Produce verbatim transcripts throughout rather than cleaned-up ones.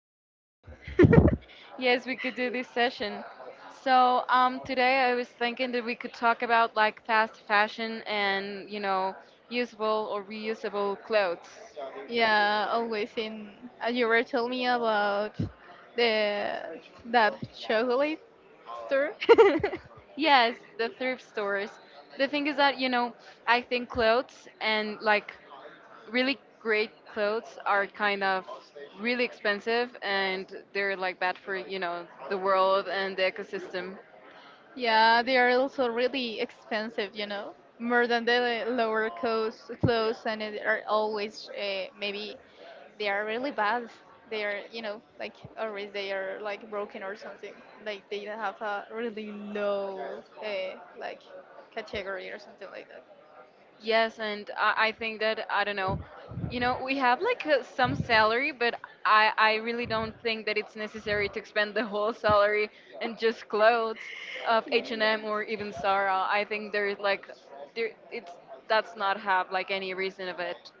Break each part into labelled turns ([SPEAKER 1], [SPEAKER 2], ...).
[SPEAKER 1] finally.
[SPEAKER 2] Yes, we could do this session. So, um, today I was thinking that we could talk about like fast fashion and, you know, usable or reusable clothes.
[SPEAKER 1] Yeah, always in. Uh, you were telling me about the that chocolate store.
[SPEAKER 2] Yes, the thrift stores. The thing is that, you know, I think clothes and like really great clothes are kind of really expensive and they're like bad for, you know, the world and the ecosystem.
[SPEAKER 1] Yeah, they are also really expensive. You know, more than the lower cost clothes, and they are always uh, maybe they are really bad. They are, you know, like always they are like broken or something. Like they have a really low uh, like category or something like that.
[SPEAKER 2] Yes, and I, I think that I don't know. You know, we have like uh, some salary, but I I really don't think that it's necessary to expend the whole salary in just clothes of H and M or even Zara. I think there's like there it's that's not have like any reason of it.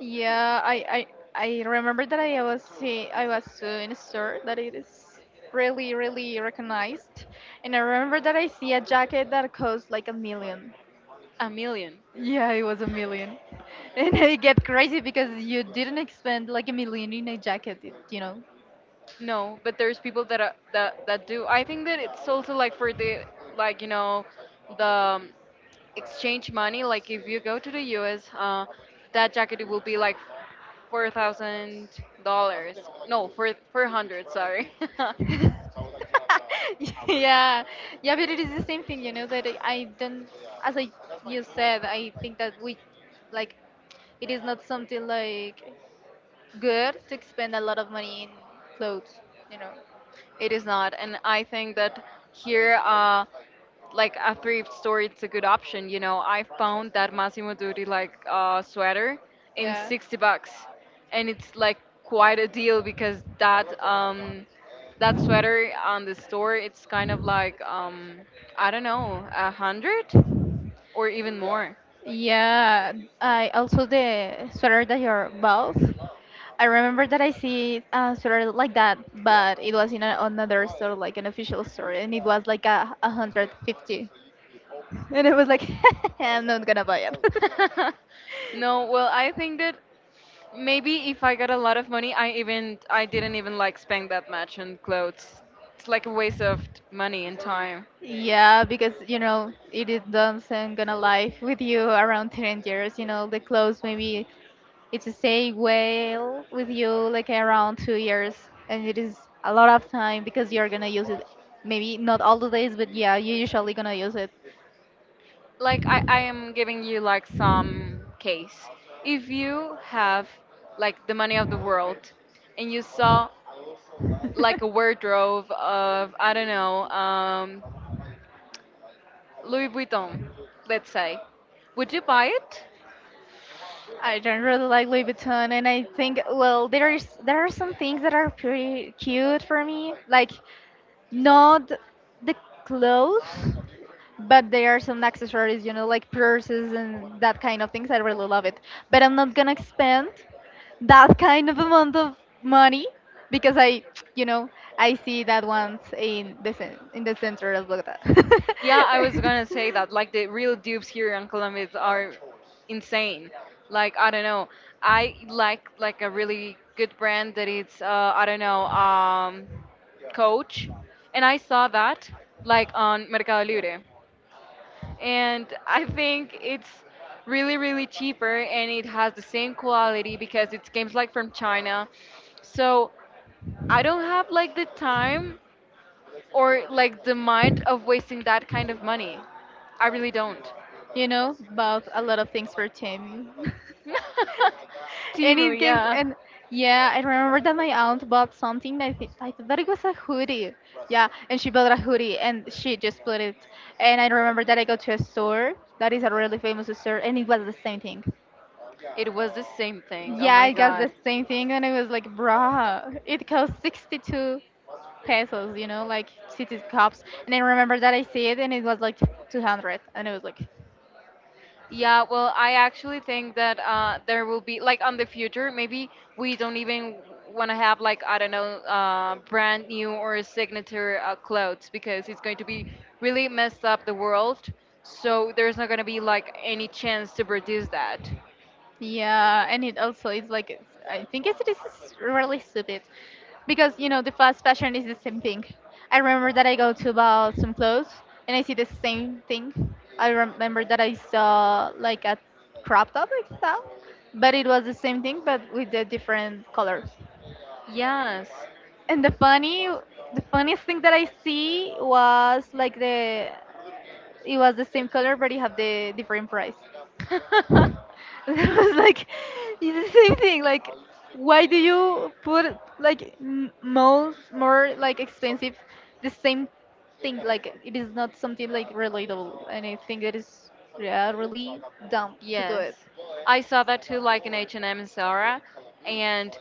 [SPEAKER 1] Yeah, I, I I remember that I was see I was uh, in a store that it is really really recognized, and I remember that I see a jacket that costs like a million.
[SPEAKER 2] A million.
[SPEAKER 1] Yeah, it was a million, and I get crazy because you didn't expend like a million in a jacket, it- you know.
[SPEAKER 2] No, but there's people that are, that that do. I think that it's also like for the like you know the um, exchange money, like if you go to the U S, uh, that jacket will be like four thousand dollars. No, four four hundred. Sorry,
[SPEAKER 1] Yeah, yeah but it is the same thing, you know, that I I don't, as I you said, I think that we, like, it is not something like good to spend a lot of money in clothes, you know.
[SPEAKER 2] it is not. And I think that here, uh, like a thrift store, it's a good option. You know, I found that Massimo Dutti like uh, sweater in
[SPEAKER 1] Yeah.
[SPEAKER 2] sixty bucks, and it's like quite a deal because that um that sweater on the store it's kind of like um I don't know a hundred or even more.
[SPEAKER 1] Like, yeah, I also the sweater that you're bought. I remember that I see a sweater like that, but it was in a, another store, like an official store, and it was like a, a hundred fifty, and it was like I'm not gonna buy it.
[SPEAKER 2] No, well, I think that maybe if I got a lot of money, I even I didn't even like spend that much on clothes. It's like a waste of t- money and time.
[SPEAKER 1] Yeah, because you know it is doesn't gonna live with you around ten years. You know the clothes maybe it's to stay well with you like around two years, and it is a lot of time because you're gonna use it. Maybe not all the days, but yeah, you're usually gonna use it.
[SPEAKER 2] Like I, I am giving you like some case. If you have like the money of the world and you saw like a wardrobe of I don't know um, Louis Vuitton, let's say. Would you buy it?
[SPEAKER 1] I don't really like Louis Vuitton, and I think, well, there's there are some things that are pretty cute for me, like not the clothes, but there are some accessories, you know, like purses and that kind of things. I really love it. But I'm not gonna spend that kind of amount of money because I, you know, I see that once in the cen- in the center of Bogota.
[SPEAKER 2] Yeah, I was gonna say that. Like the real dupes here in Colombia are insane. Like I don't know. I like like a really good brand that it's uh, I don't know um, Coach, and I saw that like on Mercado Libre, and I think it's really really cheaper and it has the same quality because it comes like from China. So I don't have like the time or like the mind of wasting that kind of money. I really don't.
[SPEAKER 1] You know, bought a lot of things for Tammy. And
[SPEAKER 2] Timu,
[SPEAKER 1] it gave,
[SPEAKER 2] yeah.
[SPEAKER 1] and yeah, I remember that my aunt bought something. I think I thought that it was a hoodie. Yeah, and she bought a hoodie and she just split it. And I remember that I go to a store that is a really famous store, and it was the same thing.
[SPEAKER 2] It was the same thing. Oh
[SPEAKER 1] Yeah,
[SPEAKER 2] my
[SPEAKER 1] I got the
[SPEAKER 2] god.
[SPEAKER 1] same thing, and it was like, bruh, it cost sixty-two pesos, you know, like city cups. And I remember that I see it, and it was like two hundred, and it was like,
[SPEAKER 2] Yeah, well, I actually think that uh, there will be like on the future, maybe we don't even want to have like I don't know, uh, brand new or signature uh, clothes because it's going to be really messed up the world. So there's not going to be like any chance to produce that.
[SPEAKER 1] yeah. And it also is like it's- I think it's, this is really stupid because you know the fast fashion is the same thing. I remember that I go to about some clothes and I see the same thing. I remember that I saw like a crop top like that, but it was the same thing but with a different color.
[SPEAKER 2] Yes.
[SPEAKER 1] And the funny, the funniest thing that I see was like the it was the same color but it have the different price. I was like, it's the same thing. Like, why do you put like m- more more like expensive the same thing? Like, it is not something like relatable, and I think that is, yeah, really dumb to do
[SPEAKER 2] Yes,
[SPEAKER 1] it.
[SPEAKER 2] I saw that too, like in H and M and Zara, and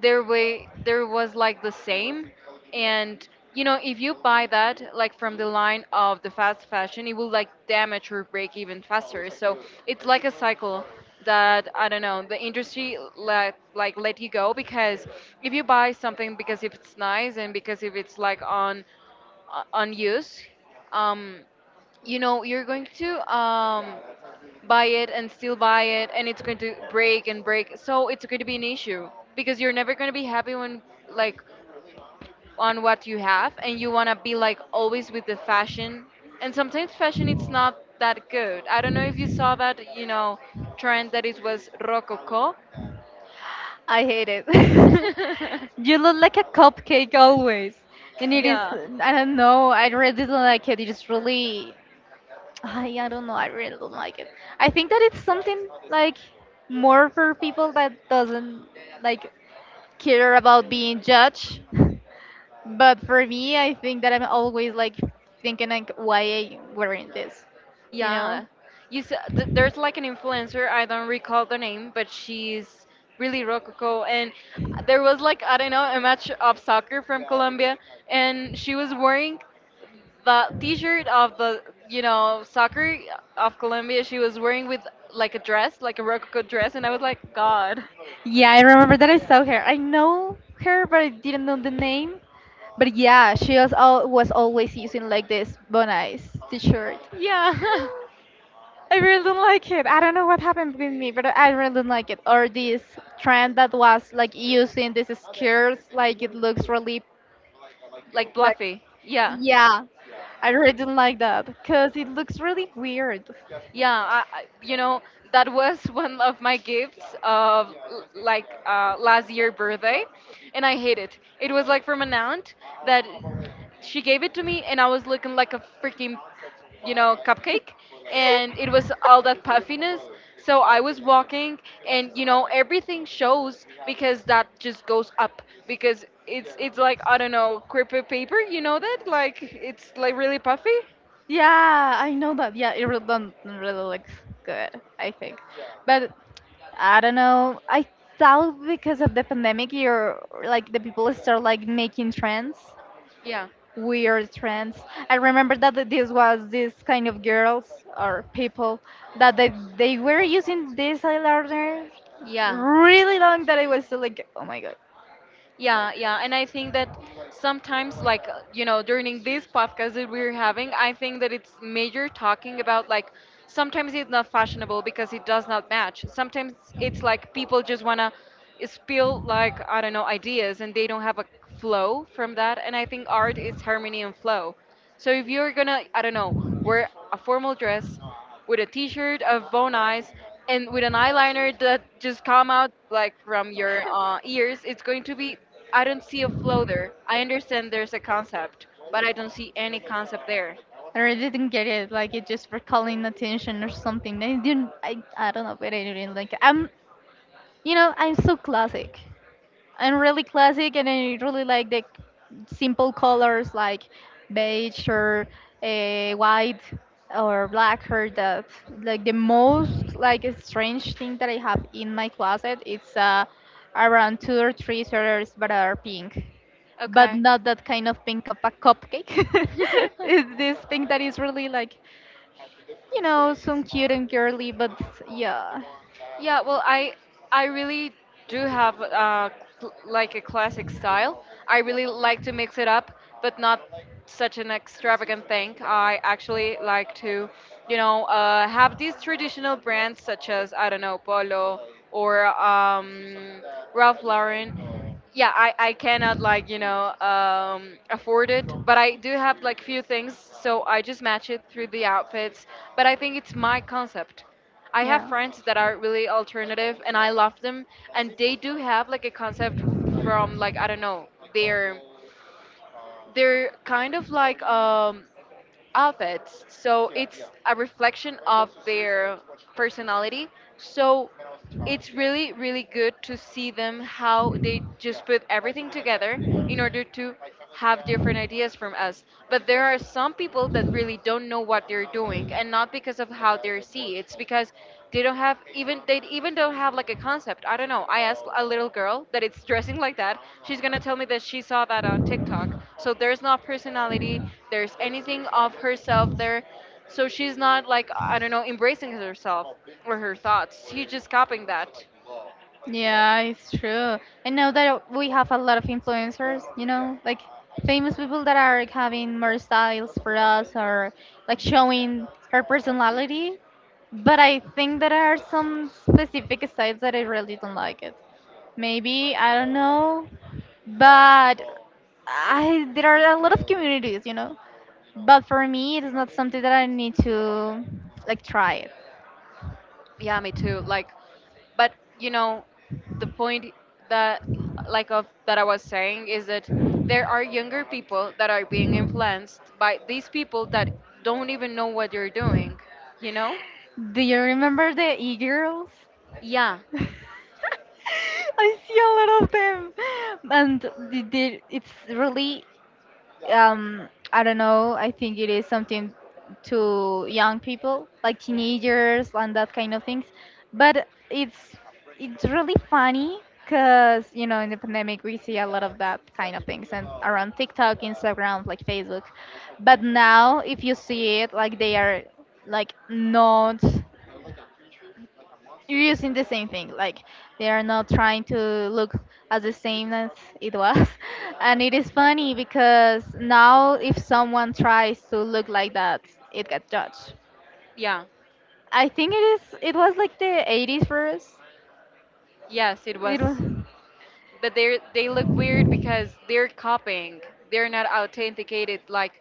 [SPEAKER 2] there way there was like the same, and you know if you buy that like from the line of the fast fashion, it will like damage or break even faster. So it's like a cycle that I don't know the industry let like let you go because if you buy something because if it's nice and because if it's like on on use, um, you know you're going to um buy it and still buy it and it's going to break and break so it's going to be an issue because you're never going to be happy when like on what you have and you want to be like always with the fashion and sometimes fashion it's not that good. I don't know if you saw that you know trend that it was rococo.
[SPEAKER 1] I hate it. You look like a cupcake always, and it is,
[SPEAKER 2] Yeah,
[SPEAKER 1] I don't know, I really don't like it. It is really, I I don't know. I really don't like it. I think that it's something like more for people that doesn't, like, care about being judged. But for me, I think that I'm always like thinking like, why I wearing this, you know?
[SPEAKER 2] yeah. You s- th- there's like an influencer. I don't recall the name, but she's really rococo. And there was like I don't know a match of soccer from Colombia, and she was wearing the T-shirt of the you know soccer of Colombia. She was wearing with like a dress, like a rococo dress, and I was like, God.
[SPEAKER 1] Yeah, I remember that I saw her. I know her, but I didn't know the name. But yeah, she was all was always using like this Bonais t-shirt.
[SPEAKER 2] Yeah.
[SPEAKER 1] I really don't like it. I don't know what happened with me, but I really don't like it. Or this trend that was like using these skirts, like it looks really,
[SPEAKER 2] Like
[SPEAKER 1] like,
[SPEAKER 2] Bluffy. Yeah.
[SPEAKER 1] yeah, I really didn't like that because it looks really weird.
[SPEAKER 2] Yeah, I, I- you know that was one of my gifts of l- like uh, last year birthday, and I hate it. It was like from an aunt that she gave it to me, and I was looking like a freaking you know cupcake. And it was all that puffiness, so I was walking, and you know everything shows because that just goes up because it's it's like I don't know crepe paper, you know that like it's like really puffy.
[SPEAKER 1] Yeah, I know that. Yeah, it really don't really looks good, I think. But I don't know. I thought because of the pandemic, you're like the people start like making trends,
[SPEAKER 2] Yeah.
[SPEAKER 1] weird trends. I remember that th- this was this kind of girls or people that they, they were using this eyeliner
[SPEAKER 2] Yeah,
[SPEAKER 1] really long that I was still like, oh my god.
[SPEAKER 2] yeah, yeah. And I think that sometimes, like, uh, you know, during this podcast that we're having, I think that it's major talking about, like, sometimes it's not fashionable because it does not match. Sometimes it's like people just want to spill, like, I don't know, ideas and they don't have a flow from that. And I think art is harmony and flow. So if you're gonna, I don't know, wear a formal dress with a t-shirt of bone eyes and with an eyeliner that just come out like from your uh, ears, it's going to be. I don't see a flow there. I understand there's a concept, but I don't see any concept there.
[SPEAKER 1] I really didn't get it. Like it just for calling attention or something. I didn't. I, I don't know, but I didn't like. I'm. You know, I'm so classic. And really classic, and I really like the simple colors like beige or uh, white or black, or that, like the most like a strange thing that I have in my closet it's uh, around two or three sweaters but are pink, but
[SPEAKER 2] Okay.
[SPEAKER 1] not that kind of pink of a cupcake. It's this pink that is really like, you know, some cute and girly, but yeah.
[SPEAKER 2] Yeah, well, I I really do have uh, cl- like a classic style. I really like to mix it up, but not such an extravagant thing. I actually like to, you know, uh, have these traditional brands such as I don't know Polo or um, Ralph Lauren. Yeah, i i cannot like you know um afford it, but I do have like few things, so I just match it through the outfits, but I think it's my concept. I have
[SPEAKER 1] Yeah.
[SPEAKER 2] friends that are really alternative and I love them, and they do have like a concept from like I don't know their they're kind of like um, outfits. So it's a reflection of their personality. So it's really, really good to see them how they just put everything together in order to have different ideas from us. But there are some people that really don't know what they're doing, and not because of how they see. It's because they don't have even they even don't have like a concept. I don't know. I asked a little girl that it's dressing like that, she's gonna tell me that she saw that on TikTok. So there's not personality, there's anything of herself there. So she's not like I don't know embracing herself or her thoughts. She's just copying that.
[SPEAKER 1] Yeah, it's true. I know that we have a lot of influencers, you know, like famous people that are having more styles for us, or like showing her personality. But I think that there are some specific styles that I really don't like it. Maybe, I don't know, but I there are a lot of communities, you know. But for me, it is not something that I need to, like, try it.
[SPEAKER 2] Yeah, me too. Like, but you know, the point that like of that I was saying is that there are younger people that are being influenced by these people that don't even know what you're doing. You know?
[SPEAKER 1] Do you remember the e-girls?
[SPEAKER 2] Yeah,
[SPEAKER 1] I see a lot of them, and the, the, it's really um, I don't know. I think it is something to young people, like
[SPEAKER 2] yeah.
[SPEAKER 1] teenagers and that kind of things. But it's it's really funny because you know in the pandemic we see a lot of that kind of things and around TikTok, Instagram, like Facebook. But now if you see it, like they are like not, you're using the same thing, like they are not trying to look as the same as it was. And it is funny because now if someone tries to look like that it gets judged.
[SPEAKER 2] Yeah,
[SPEAKER 1] I think it is, it was like the eighties for us.
[SPEAKER 2] yes, it was.
[SPEAKER 1] It was.
[SPEAKER 2] But they are they look weird because they're copying. They're not authenticated. Like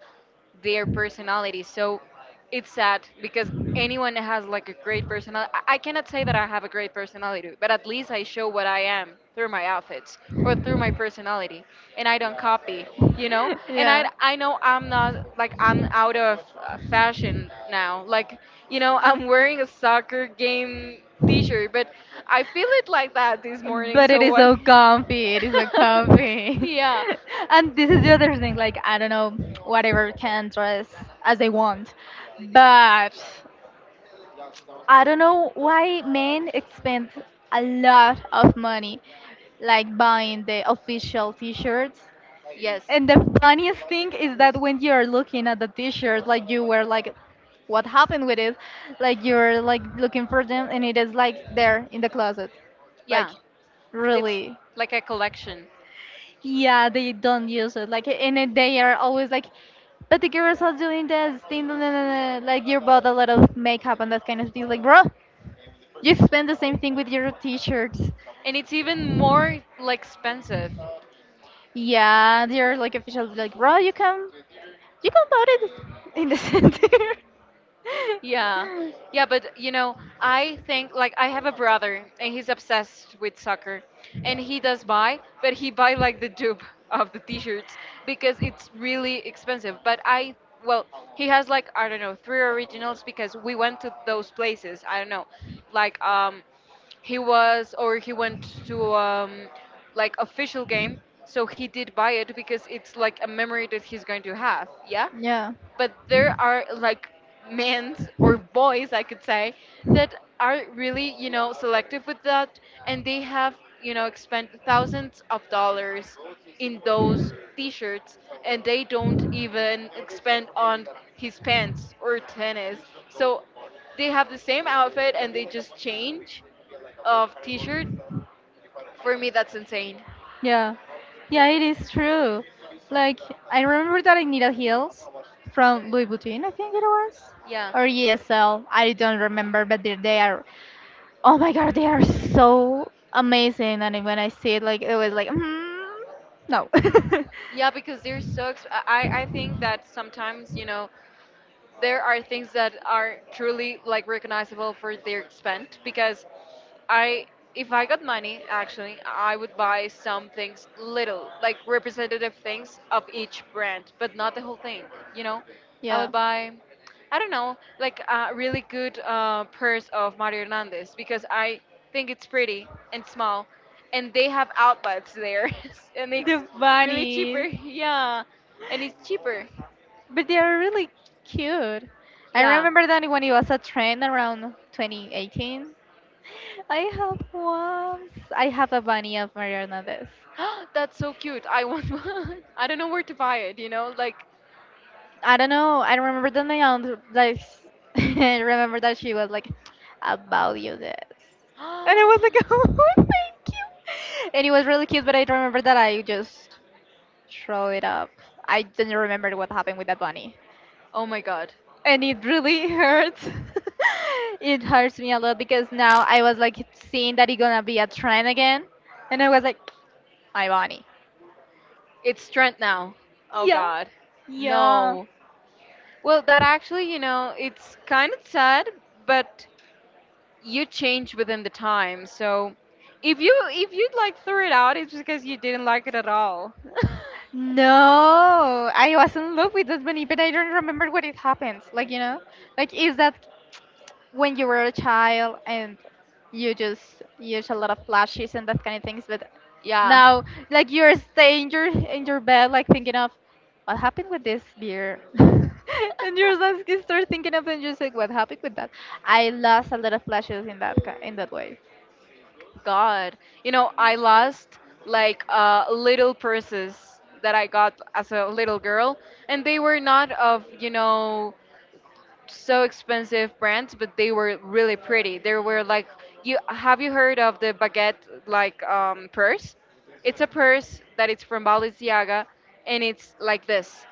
[SPEAKER 2] their personality. So it's sad because anyone that has like a great personality, I I cannot say that I have a great personality, but at least I show what I am through my outfits or through my personality, and I don't copy, you know. And I
[SPEAKER 1] Yeah,
[SPEAKER 2] I know I'm not like I'm out of uh, fashion now. Like you know, I'm wearing a soccer game T-shirt, but I feel it like that this morning.
[SPEAKER 1] but
[SPEAKER 2] So
[SPEAKER 1] it is
[SPEAKER 2] what?
[SPEAKER 1] so comfy. It is so comfy.
[SPEAKER 2] Yeah.
[SPEAKER 1] And this is the other thing. Like I don't know, whatever can dress as they want, but I don't know why men spend a lot of money, like buying the official T-shirts.
[SPEAKER 2] Yes.
[SPEAKER 1] And the funniest thing is that when you're looking at the t-shirt, like you were like, what happened with it? Like you're like looking for them, and it is like there in the closet. Like,
[SPEAKER 2] Yeah. It's
[SPEAKER 1] really,
[SPEAKER 2] like a collection.
[SPEAKER 1] yeah, they don't use it. Like in a they are always like, but the girls are doing this thing. Da, da, da, da," like you bought a lot of makeup and that kind of thing. Like bro, you spend the same thing with your t-shirts.
[SPEAKER 2] And it's even more like expensive.
[SPEAKER 1] Yeah, they're like official. Like bro, you can you can put it in the center.
[SPEAKER 2] Yeah. Yeah, but you know, I think like I have a brother and he's obsessed with soccer, and he does buy, but he buy like the dupe of the t-shirts because it's really expensive. But I well, he has like I don't know, three originals because we went to those places. I don't know. Like um he was or he went to um like official game, so he did buy it because it's like a memory that he's going to have. Yeah,
[SPEAKER 1] Yeah.
[SPEAKER 2] but there are like men or boys I could say that are really you know selective with that, and they have you know spent thousands of dollars in those t-shirts, and they don't even spend on his pants or tennis, so they have the same outfit and they just change of t-shirt. For me that's insane.
[SPEAKER 1] Yeah, yeah, it is true. Like I remember that I needed heels from Louis Vuitton, I think it was,
[SPEAKER 2] Yeah,
[SPEAKER 1] or E S L. I don't remember, but they, they are. Oh my God, they are so amazing! And when I see it, like it was like, mm, no.
[SPEAKER 2] yeah, because they're so exp- i i think that sometimes you know there are things that are truly like recognizable for their spend because I if I got money actually I would buy some things little like representative things of each brand but not the whole thing, you know. I would
[SPEAKER 1] Yeah,
[SPEAKER 2] buy I don't know like a really good uh, purse of Mario Hernandez because I think it's pretty and small, and they have outlets there and it's
[SPEAKER 1] the
[SPEAKER 2] really cheaper.
[SPEAKER 1] bunnies.
[SPEAKER 2] Yeah, and it's cheaper.
[SPEAKER 1] But they are really cute. I
[SPEAKER 2] Yeah.
[SPEAKER 1] remember that when it was a trend around twenty eighteen. I have one. I have a bunny of Mariana. Hernandez.
[SPEAKER 2] That's so cute. I want one. I don't know where to buy it, you know? Like,
[SPEAKER 1] I don't know. I remember that my aunt like I remember that she was like about you this. And I was
[SPEAKER 2] oh
[SPEAKER 1] like, oh, thank you. And it was really cute, but I remember that I just throw it up. I didn't remember what happened with that bunny.
[SPEAKER 2] my god.
[SPEAKER 1] And it really hurts. It hurts me a lot because now I was like seeing that it's gonna be a trend again, and I was like, my bunny.
[SPEAKER 2] It's Trent now. Oh
[SPEAKER 1] Yeah,
[SPEAKER 2] god.
[SPEAKER 1] yeah.
[SPEAKER 2] No. Well, that actually, you know, it's kind of sad, but you change within the time. So if you if you like threw it out, it's because you didn't like it at all.
[SPEAKER 1] No, I was in love with this bunny, but I don't remember what it happened. Like you know, like is that when you were a child and you just use a lot of flashes and that kind of things, but
[SPEAKER 2] Yeah.
[SPEAKER 1] now like you're staying in your in your bed like thinking of what happened with this beer and you're just you start thinking of it and just like what happened with that. I lost a lot of flashes in that ki- in that way.
[SPEAKER 2] God, you know, I lost like uh, little purses that I got as a little girl, and they were not of, you know, so expensive brands, but they were really pretty. They were like, you have you heard of the baguette like um, purse? It's a purse that it's from Balenciaga, and it's like this.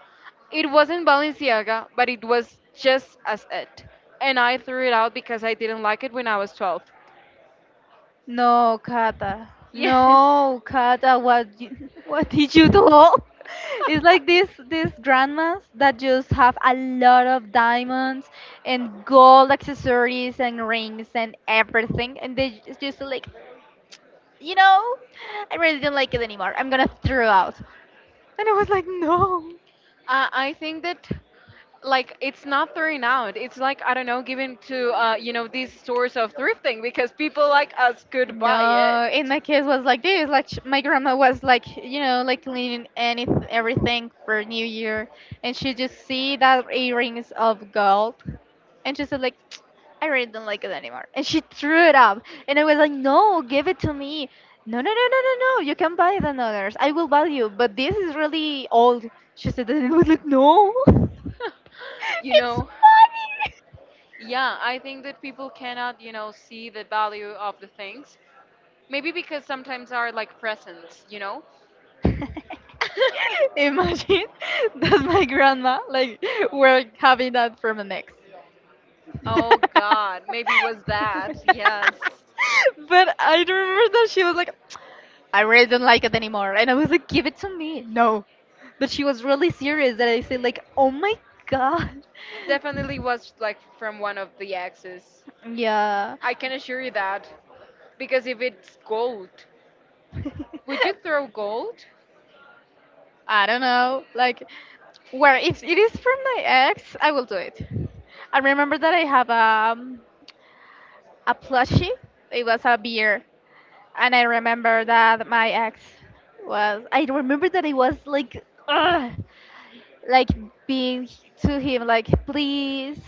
[SPEAKER 2] It wasn't Balenciaga, but it was just as it, and I threw it out because I didn't like it when I was twelve.
[SPEAKER 1] No, Kata.
[SPEAKER 2] Yes.
[SPEAKER 1] No, Kata, what you, what did you do? It's like this these grandmas that just have a lot of diamonds and gold accessories and rings and everything, and they just, just like, you know, I really don't like it anymore. I'm gonna throw out. And I was like, no.
[SPEAKER 2] Uh, I think that like it's not throwing out. It's like I don't know, given to uh, you know these stores of thrifting because people like us could buy it.
[SPEAKER 1] No, in my case was like this. Like sh- my grandma was like, you know, like cleaning any everything for New Year, and she just see that earrings of gold, and she said like, I really don't like it anymore, and she threw it up, and I was like, no, give it to me. No, no, no, no, no, no. You can buy it on others. I will buy you, but this is really old. She said, that, and I was like, no,
[SPEAKER 2] You
[SPEAKER 1] it's
[SPEAKER 2] know,
[SPEAKER 1] money.
[SPEAKER 2] yeah, I think that people cannot you know see the value of the things. Maybe because sometimes are like presents, you know.
[SPEAKER 1] Imagine that my grandma like were having that from an ex.
[SPEAKER 2] Oh
[SPEAKER 1] But
[SPEAKER 2] God, maybe it was that. Yes,
[SPEAKER 1] I remember that she was like, I really don't like it anymore, and I was like, give it to me. No, but she was really serious. That I said like, oh my god.
[SPEAKER 2] definitely was like from one of the exes.
[SPEAKER 1] Yeah.
[SPEAKER 2] I can assure you that because if it's gold, would you throw gold?
[SPEAKER 1] I don't know. Like, where if it is from my ex, I will do it. I remember that I have um, a plushie. It was a beer, and I remember that my ex was. I remember that I was like, ugh, like being to him like, please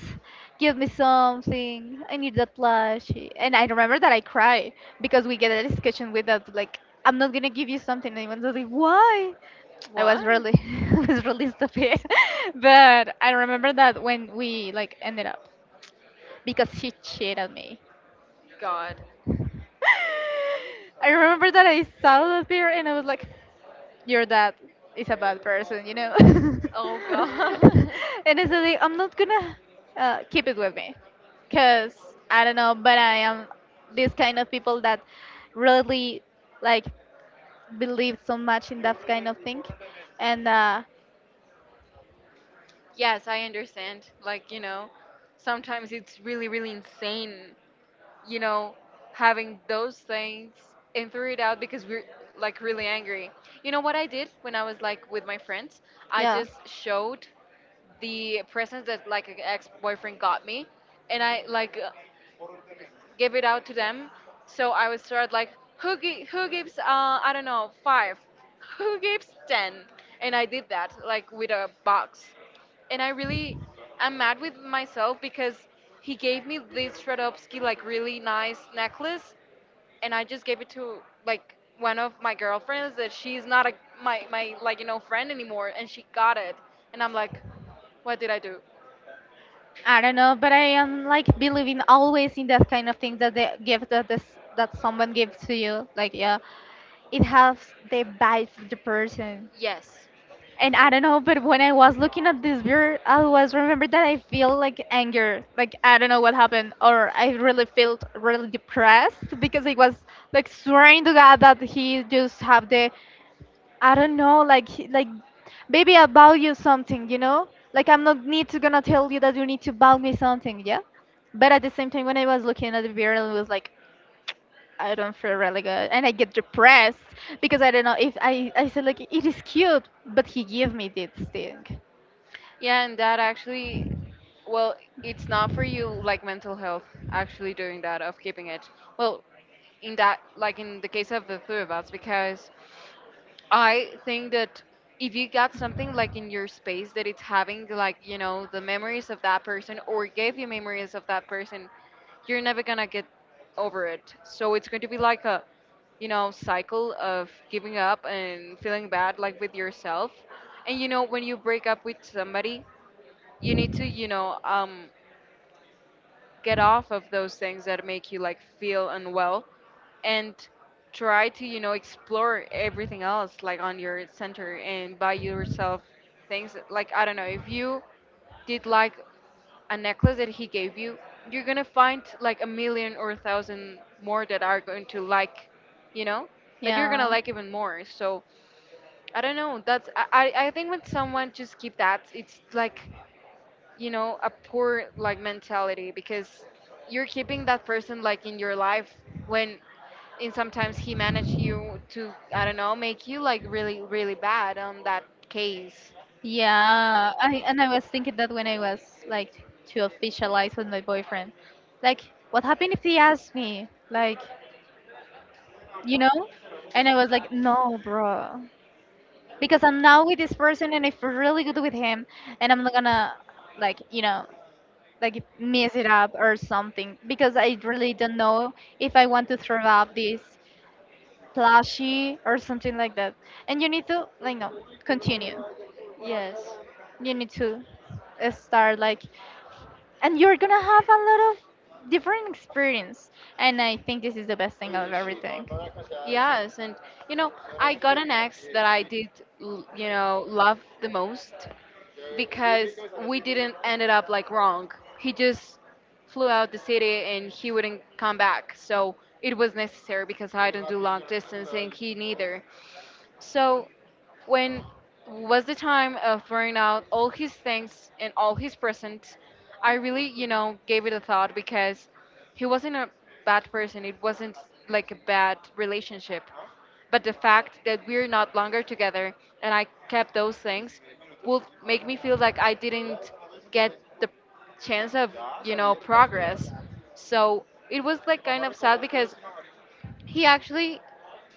[SPEAKER 1] give me something. I need that plushie. And I remember that I cried because we get a discussion with that like, I'm not gonna give you something. And I was like, why? I was
[SPEAKER 2] What?
[SPEAKER 1] really, I was really stupid. But I remember that when we like ended up because she cheated me.
[SPEAKER 2] God.
[SPEAKER 1] I remember that I saw that beer and I was like, "Your dad is a bad person," you know. And
[SPEAKER 2] Oh God.
[SPEAKER 1] I said, like, "I'm not gonna uh, keep it with me, cause I don't know, but I am this kind of people that really like believe so much in that kind of thing, and uh,
[SPEAKER 2] Yes, I understand. Like you know, sometimes it's really really insane. You know, having those things and threw it out because we're like really angry. You know what I did when I was like with my friends? I
[SPEAKER 1] yeah."
[SPEAKER 2] just showed the presents that like an ex boyfriend got me, and I like give it out to them. So I would start like, who gi- who gives uh, I don't know five, who gives ten, and I did that like with a box, and I really am mad with myself because he gave me this Shredovsky like really nice necklace, and I just gave it to like one of my girlfriends that she's not a my my like you know friend anymore, and she got it, and I'm like, what did I do?
[SPEAKER 1] I don't know, but I am like believing always in that kind of thing that the gift that this that someone gives to you, like yeah, it has the vibe of the person.
[SPEAKER 2] Yes.
[SPEAKER 1] And I don't know, but when I was looking at this beer, I was remember that I feel like anger, like I don't know what happened, or I really felt really depressed because I was like swearing to God that he just have the I don't know, like he- like baby, I value something, you know? Like I'm not need to gonna tell you that you need to value me something, yeah? But at the same time when I was looking at the video, it was like I don't feel really good and I get depressed because I don't know if I I said like it is cute, but he gave me this thing.
[SPEAKER 2] Yeah, and that actually, well, it's not for you like mental health actually doing that of keeping it. Well, in that, like in the case of the three of us, because I think that if you got something like in your space that it's having like, you know, the memories of that person or gave you memories of that person, you're never gonna get over it. So it's going to be like a, you know, cycle of giving up and feeling bad like with yourself. And you know, when you break up with somebody, you need to you know um, get off of those things that make you like feel unwell and try to you know explore everything else like on your center and buy yourself things like I don't know if you did like a necklace that he gave you, you're gonna find like a million or a thousand more that are going to like you know that you're gonna
[SPEAKER 1] Yeah.
[SPEAKER 2] like even more. So I don't know, that's i i I think when someone just keep that, it's like you know a poor like mentality because you're keeping that person like in your life when in sometimes he managed you to I don't know make you like really really bad on that case.
[SPEAKER 1] Yeah. I and I was thinking that when I was like to officialize with my boyfriend. Like what happened if he asked me? Like, you know? And I was like, no, bro. Because I'm now with this person and I feel really good with him and I'm not gonna like you know like mess it up or something because I really don't know if I want to throw up this plushie or something like that. And you need to like no continue.
[SPEAKER 2] Yes.
[SPEAKER 1] You need to uh, start like and you're gonna have a lot of different experience and I think this is the best thing of everything.
[SPEAKER 2] Yes, and you know, I got an ex that I did, l- you know, love the most because we did didn't ended up like wrong. He just flew out the city and he wouldn't come back. So it was necessary because I no don't do long distance and he no, neither. So when was the time of throwing out all his things and all his presents, I really, you know, gave it a thought because he wasn't a bad person. It wasn't like a bad relationship. But the fact that we're not longer together and I kept those things will make me feel like I didn't get the chance of, you know, progress. So it was like kind of sad because he actually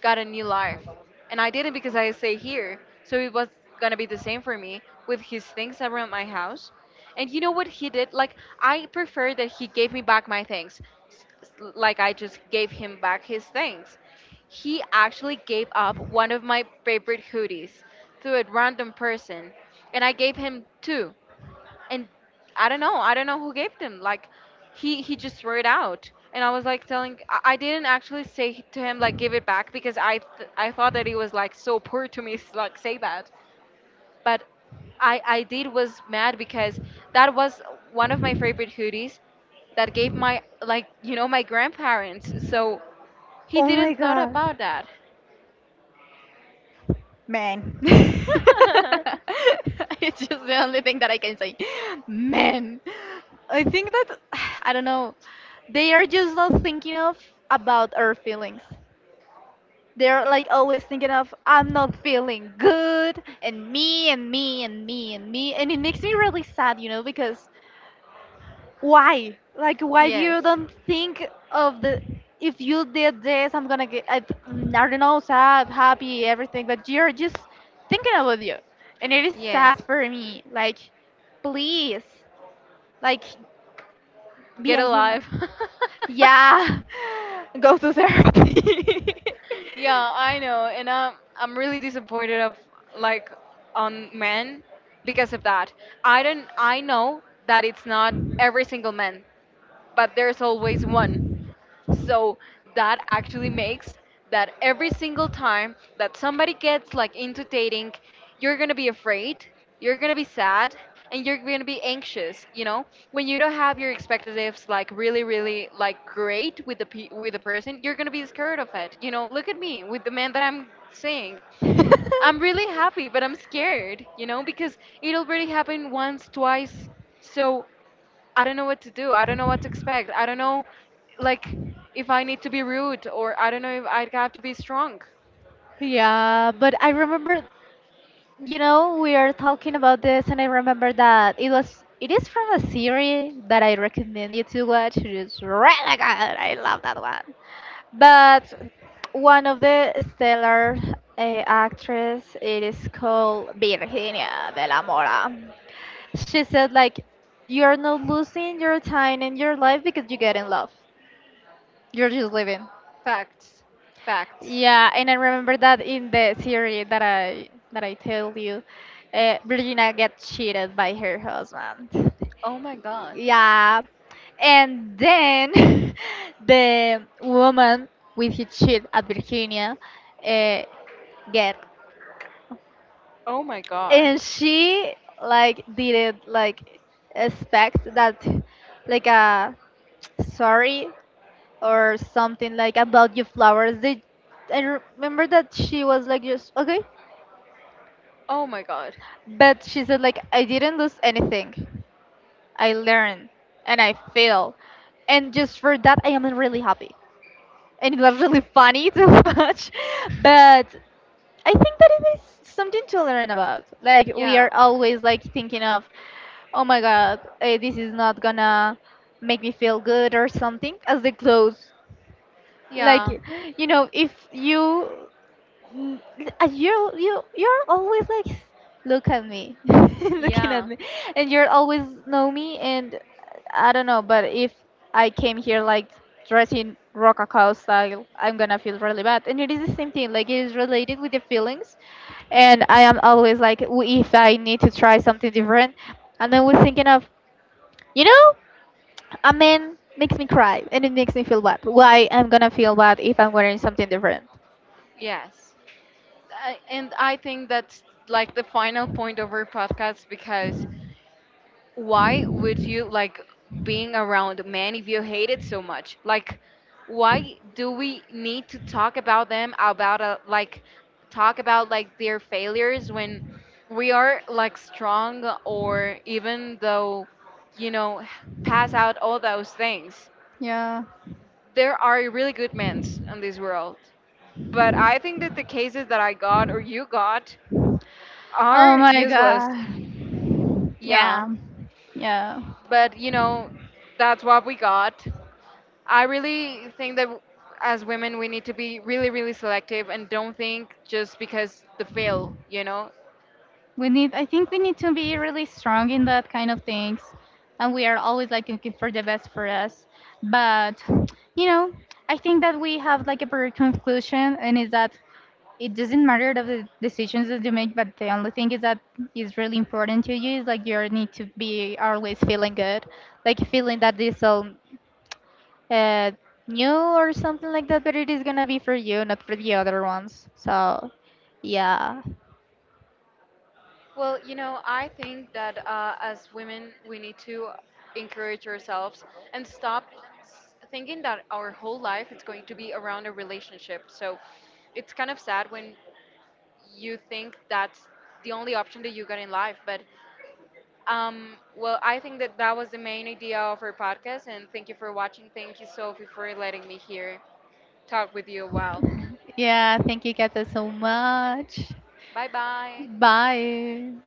[SPEAKER 2] got a new life and I didn't because I stay here. So it was gonna be the same for me with his things around my house. And you know what he did, like I prefer that he gave me back my things. S- s- like I just gave him back his things. He actually gave up one of my favorite hoodies to a random person, and I gave him two. And I don't know. I don't know who gave them. Like, he he just threw it out, and I was like telling. I, I didn't actually say to him like give it back because I th- I thought that he was like so poor to me, s- like say that, but I I did was mad because that was one of my favorite hoodies that gave my like you know my grandparents. So he
[SPEAKER 1] Oh my
[SPEAKER 2] didn't thought
[SPEAKER 1] god.
[SPEAKER 2] about that.
[SPEAKER 1] Man. It's just the only thing that I can say. Man. I think that I don't know. They are just not thinking of about our feelings. They're like always thinking of I'm not feeling good and me and me and me and me and it makes me really sad, you know, because why like why
[SPEAKER 2] Yes,
[SPEAKER 1] you don't think of the if you did this I'm gonna get i, mm, I don't know sad happy everything but you're just thinking about you and it is sad
[SPEAKER 2] yes,
[SPEAKER 1] for me like please like be
[SPEAKER 2] get
[SPEAKER 1] a human
[SPEAKER 2] alive.
[SPEAKER 1] yeah go to therapy.
[SPEAKER 2] Yeah, I know, and I'm I'm really disappointed of like on men because of that. I don't I know that it's not every single man, but there's always one. So that actually makes that every single time that somebody gets like into dating, you're gonna be afraid, you're gonna be sad, and you're gonna be anxious. You know, when you don't have your expectations like really, really like great with the pe- with the person, you're gonna be scared of it. You know, look at me with the man that I'm seeing. I'm really happy, but I'm scared. You know, because it already happened once, twice. So I don't know what to do. I don't know what to expect. I don't know, like, if I need to be rude or I don't know if I have to be strong.
[SPEAKER 1] Yeah, but I remember, you know, we are talking about this, and I remember that it was it is from a series that I recommend you to watch. It is really good. I love that one. But one of the stellar uh, actress, it is called Virginia de la Mora. She said like, you are not losing your time in your life because you get in love. You're just living.
[SPEAKER 2] Facts. Facts.
[SPEAKER 1] Yeah, and I remember that in the series that I that I told you, uh, Virginia gets cheated by her husband.
[SPEAKER 2] Oh my god.
[SPEAKER 1] Yeah, and then the woman with his cheat at Virginia uh, get,
[SPEAKER 2] Oh my god.
[SPEAKER 1] and she like didn't like expect that like a sorry or something like about your flowers. They I remember that she was like just okay.
[SPEAKER 2] Oh my god.
[SPEAKER 1] But she said like I didn't lose anything. I learned and I failed. And just for that I am really happy. And it was really funny to watch. But I think that it is something to learn about. Like we
[SPEAKER 2] Yeah.
[SPEAKER 1] are always like thinking of oh my god, eh, this is not gonna make me feel good or something as the clothes. Like
[SPEAKER 2] Yeah.
[SPEAKER 1] you know, if you Mm, uh, you you you're always like "S- look at me looking at
[SPEAKER 2] Yeah.
[SPEAKER 1] me and you're always know me and uh, I don't know but if I came here like dressing rococo style I'm gonna feel really bad and it is the same thing like it is related with the feelings and I am always like w- if I need to try something different and then we're thinking of you know a man makes me cry and it makes me feel bad why I'm gonna feel bad if I'm wearing something different
[SPEAKER 2] Yes. I, and I think that's like the final point of our podcast because why would you like being around men if you hate it so much? Like, why do we need to talk about them about a, like talk about like their failures when we are like strong or even though you know h- pass out all those things?
[SPEAKER 1] yeah.
[SPEAKER 2] There are really good men in this world, but I think that the cases that I got or you got
[SPEAKER 1] Oh
[SPEAKER 2] are
[SPEAKER 1] my
[SPEAKER 2] useless.
[SPEAKER 1] god.
[SPEAKER 2] Yeah,
[SPEAKER 1] Yeah, yeah.
[SPEAKER 2] but you know that's what we got. I really think that as women we need to be really really selective and don't think just because the fail, you know.
[SPEAKER 1] We need. I think we need to be really strong in that kind of things, and we are always like looking for the best for us. But you know, I think that we have like a very conclusion, and is that it doesn't matter of the decisions that you make, but the only thing is that is really important to you is like you need to be always feeling good, like feeling that this all uh, new or something like that. But it is gonna be for you, not for the other ones. So yeah.
[SPEAKER 2] Well, you know, I think that uh, as women we need to encourage ourselves and stop s- thinking that our whole life is going to be around a relationship. So it's kind of sad when you think that's the only option that you got in life, but um, well, I think that that was the main idea of our podcast, and thank you for watching. Thank you, Sophie, for letting me here talk with you a while.
[SPEAKER 1] Yeah, thank you, Kata, so much.
[SPEAKER 2] Bye bye.
[SPEAKER 1] Bye.